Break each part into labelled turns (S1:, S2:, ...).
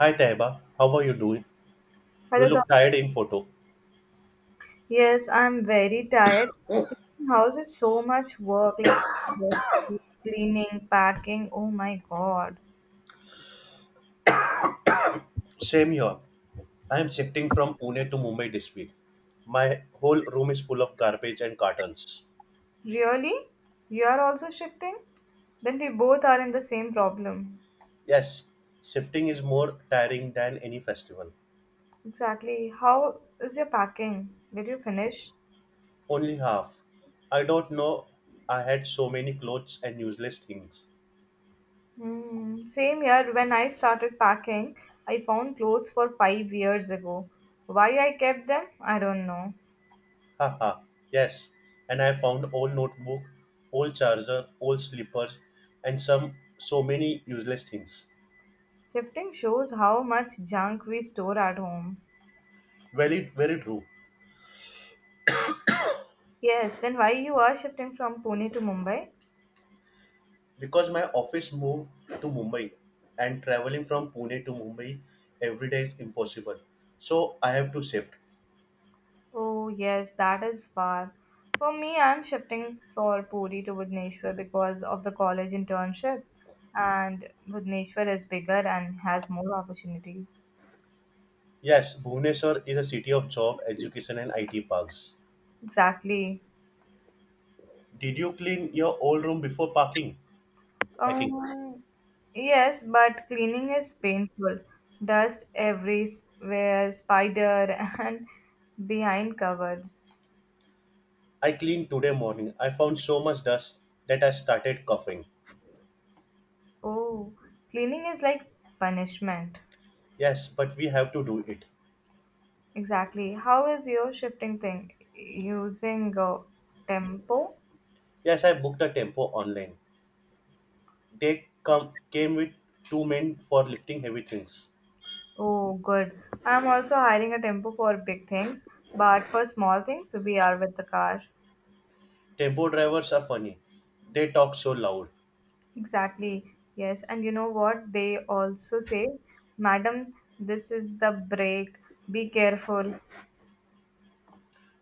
S1: Hi Taiba, how are you doing? You
S2: Hello, Donna.
S1: look tired in photo.
S2: Yes, I'm very tired. Shifting house is so much work, like books, cleaning, packing. Oh my God.
S1: Same here. I am shifting from Pune to Mumbai this week. My whole room is full of garbage and cartons.
S2: Really? You are also shifting? Then we both are in the same problem.
S1: Yes, shifting is more tiring than any festival.
S2: Exactly. How is your packing? Did you finish?
S1: Only half. I don't know I had so many clothes and useless things.
S2: Hmm. Same year when I started packing, I found clothes for 5 years ago. Why I kept them, I don't know.
S1: Haha, yes. And I found old notebook, old charger, old slippers, and some so many useless things.
S2: Shifting shows how much junk we store at home.
S1: Very very true.
S2: Yes, then why you are shifting from Pune to Mumbai?
S1: Because my office moved to Mumbai and traveling from Pune to Mumbai every day is impossible. So I have to shift.
S2: Oh, yes, that is far. For me, I'm shifting for Puri to Bhubaneswar because of the college internship, and Bhubaneswar is bigger and has more opportunities.
S1: Yes, Bhubaneswar is a city of job, education, and IT parks.
S2: Exactly.
S1: Did you clean your old room before parking? Packing.
S2: Um, yes, but cleaning is painful. Dust everywhere, spider, and behind covers.
S1: I cleaned today morning. I found so much dust that I started coughing.
S2: Oh, cleaning is like punishment.
S1: Yes, but we have to do it.
S2: Exactly. How is your shifting thing? Using Tempo?
S1: Yes, I booked a tempo online. They come came with two men for lifting heavy things.
S2: Oh, good. I'm also hiring a Tempo for big things, but for small things, we are with the car.
S1: Tempo drivers are funny. They talk so loud.
S2: Exactly. Yes. And you know what? They also say, Madam, this is the break. Be careful.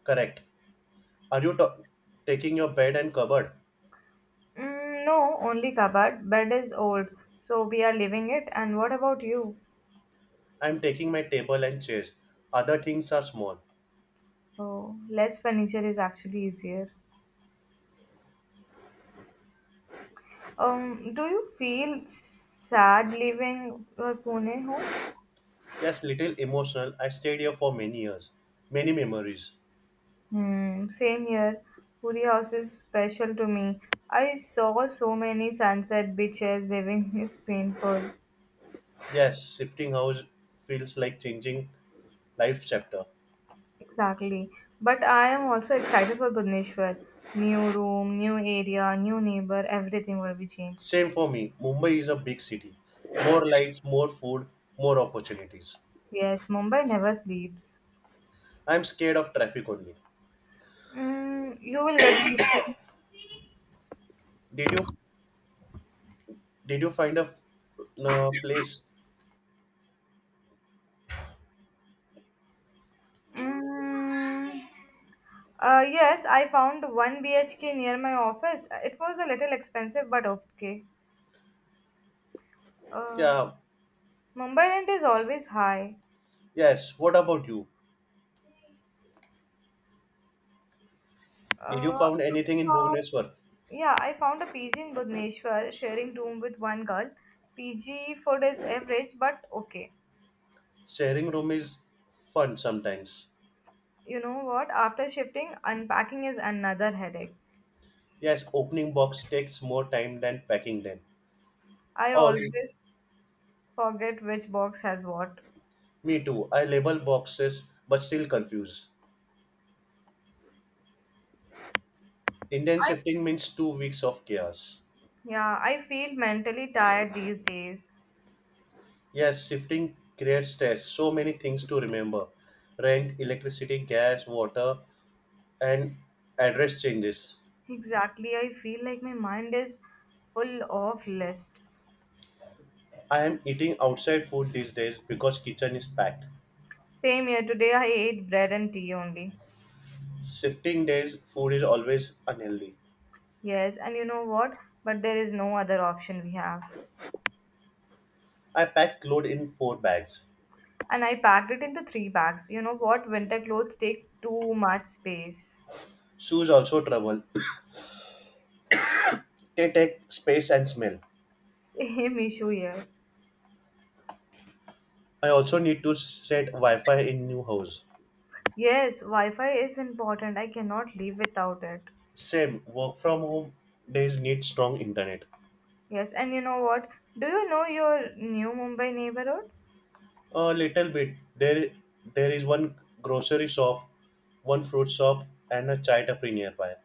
S1: Correct. Are you taking your bed and cupboard?
S2: Mm, no, only cupboard. Bed is old, so we are leaving it. And what about you?
S1: I'm taking my table and chairs. Other things are small.
S2: Oh, less furniture is actually easier. Do you feel sad leaving your Pune home?
S1: Yes, little emotional. I stayed here for many years. Many memories.
S2: Hmm, same here. Puri house is special to me. I saw so many sunset beaches. Living is painful.
S1: Yes, shifting house feels like changing life chapter.
S2: Exactly. But I am also excited for Bhubaneswar. New room, new area, new neighbor. Everything will be changed.
S1: Same for me. Mumbai is a big city. More lights, more food, more opportunities.
S2: Yes, Mumbai never sleeps.
S1: I'm scared of traffic only.
S2: Mm, you will get used to.
S1: Did you did you find a, no, place?
S2: Mm, yes, I found one BHK near my office. It was a little expensive, but okay. Uh,
S1: Yeah.
S2: Mumbai rent is always high.
S1: Yes. What about you? Did you
S2: Uh,
S1: found anything in
S2: found-
S1: Bhubaneswar?
S2: yeah, I found a PG in Bhubaneswar, sharing room with one girl. PG food is average, but okay.
S1: Sharing room is fun sometimes.
S2: You know what? After shifting, unpacking is another headache.
S1: Yes, opening box takes more time than packing them.
S2: I
S1: Oh,
S2: always forget which box has what. I
S1: me too. I label boxes but still confused. Indian shifting means 2 weeks of chaos.
S2: yeah, I feel mentally tired these days.
S1: Yes, shifting creates stress. So many things to remember rent, electricity, gas, water, and address changes.
S2: Exactly. I feel like my mind is full of list.
S1: I am eating outside food these days because kitchen is packed.
S2: Same here today I ate bread and tea only.
S1: Shifting days food is always unhealthy.
S2: Yes, and you know what? But there is no other option we have.
S1: I pack clothes in four bags.
S2: And I packed it into three bags. You know what? Winter clothes take too much space.
S1: Shoes also trouble. They take space and smell.
S2: Same issue here.
S1: I also need to set Wi-Fi in new house.
S2: Yes, Wi-Fi is important. I cannot live without it.
S1: Same, work from home days need strong internet.
S2: Yes, and you know what? Do you know your new Mumbai neighborhood?
S1: A little bit. There is one grocery shop, one fruit shop, and a chai tapri nearby.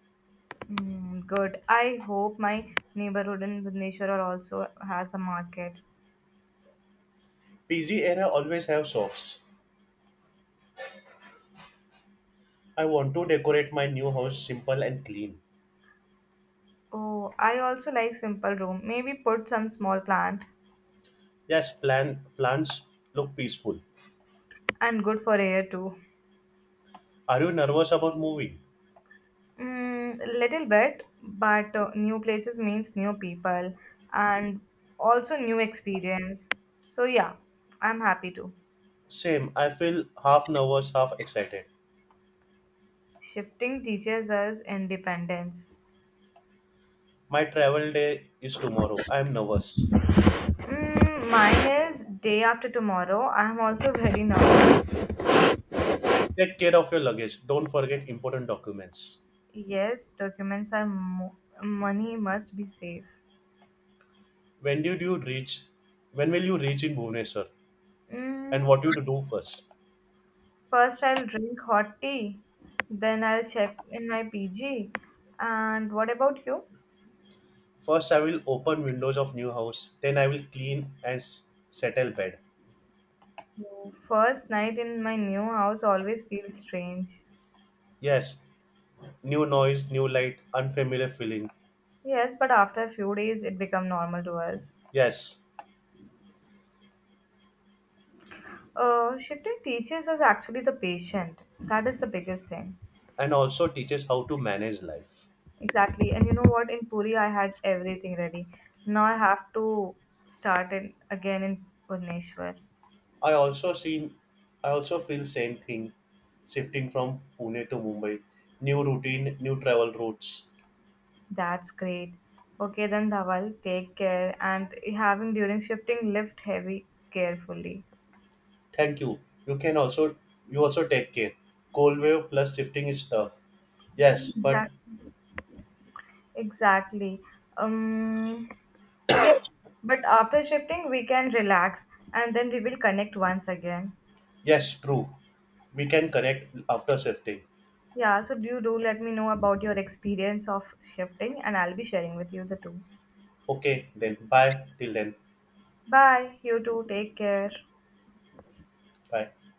S2: Mm, good. I hope my neighborhood in Bhubaneswar are also has a market.
S1: PG area always have shops. I want to decorate my new house simple and clean.
S2: Oh, I also like simple room. Maybe put some small plant
S1: Yes, plants look peaceful.
S2: and good for air too.
S1: Are you nervous about moving?
S2: Mm, little bit, but new places means new people and also new experience. So yeah, I'm happy too.
S1: Same. I feel half nervous, half excited.
S2: Shifting teaches us independence.
S1: My travel day is tomorrow. I am nervous.
S2: Mm, mine is day after tomorrow. I'm also very nervous.
S1: Take care of your luggage. Don't forget important documents.
S2: Yes, money must be safe.
S1: When did you reach? When will you reach in Bhubaneswar? And
S2: Mm,
S1: what you to do first?
S2: first, I'll drink hot tea, then I'll check in my PG. And what about you?
S1: First, I will open windows of new house. Then I will clean and settle bed.
S2: First night in my new house always feels strange.
S1: Yes, new noise, new light, unfamiliar feeling.
S2: Yes, but after a few days, it become normal to us.
S1: Yes,
S2: Shifting teachers is actually the patient. That is the biggest thing.
S1: and also teaches how to manage life.
S2: Exactly. And you know what? In Puri, I had everything ready. Now I have to start it again in Bhubaneswar.
S1: I also seen, I also feel same thing, shifting from Pune to Mumbai. New routine, new travel routes.
S2: That's great. Okay then, Dhawal, take care and having during shifting lift heavy carefully.
S1: Thank you. You can also You also take care. Cold wave plus shifting is tough. Yes, but
S2: Exact- Exactly. Um, yes, but after shifting we can relax and then we will connect once again.
S1: yes, true. We can connect after shifting.
S2: Yeah, so do let me know about your experience of shifting and I'll be sharing with you the two.
S1: Okay, then bye. Till then,
S2: Bye. You too. Take care.
S1: bye.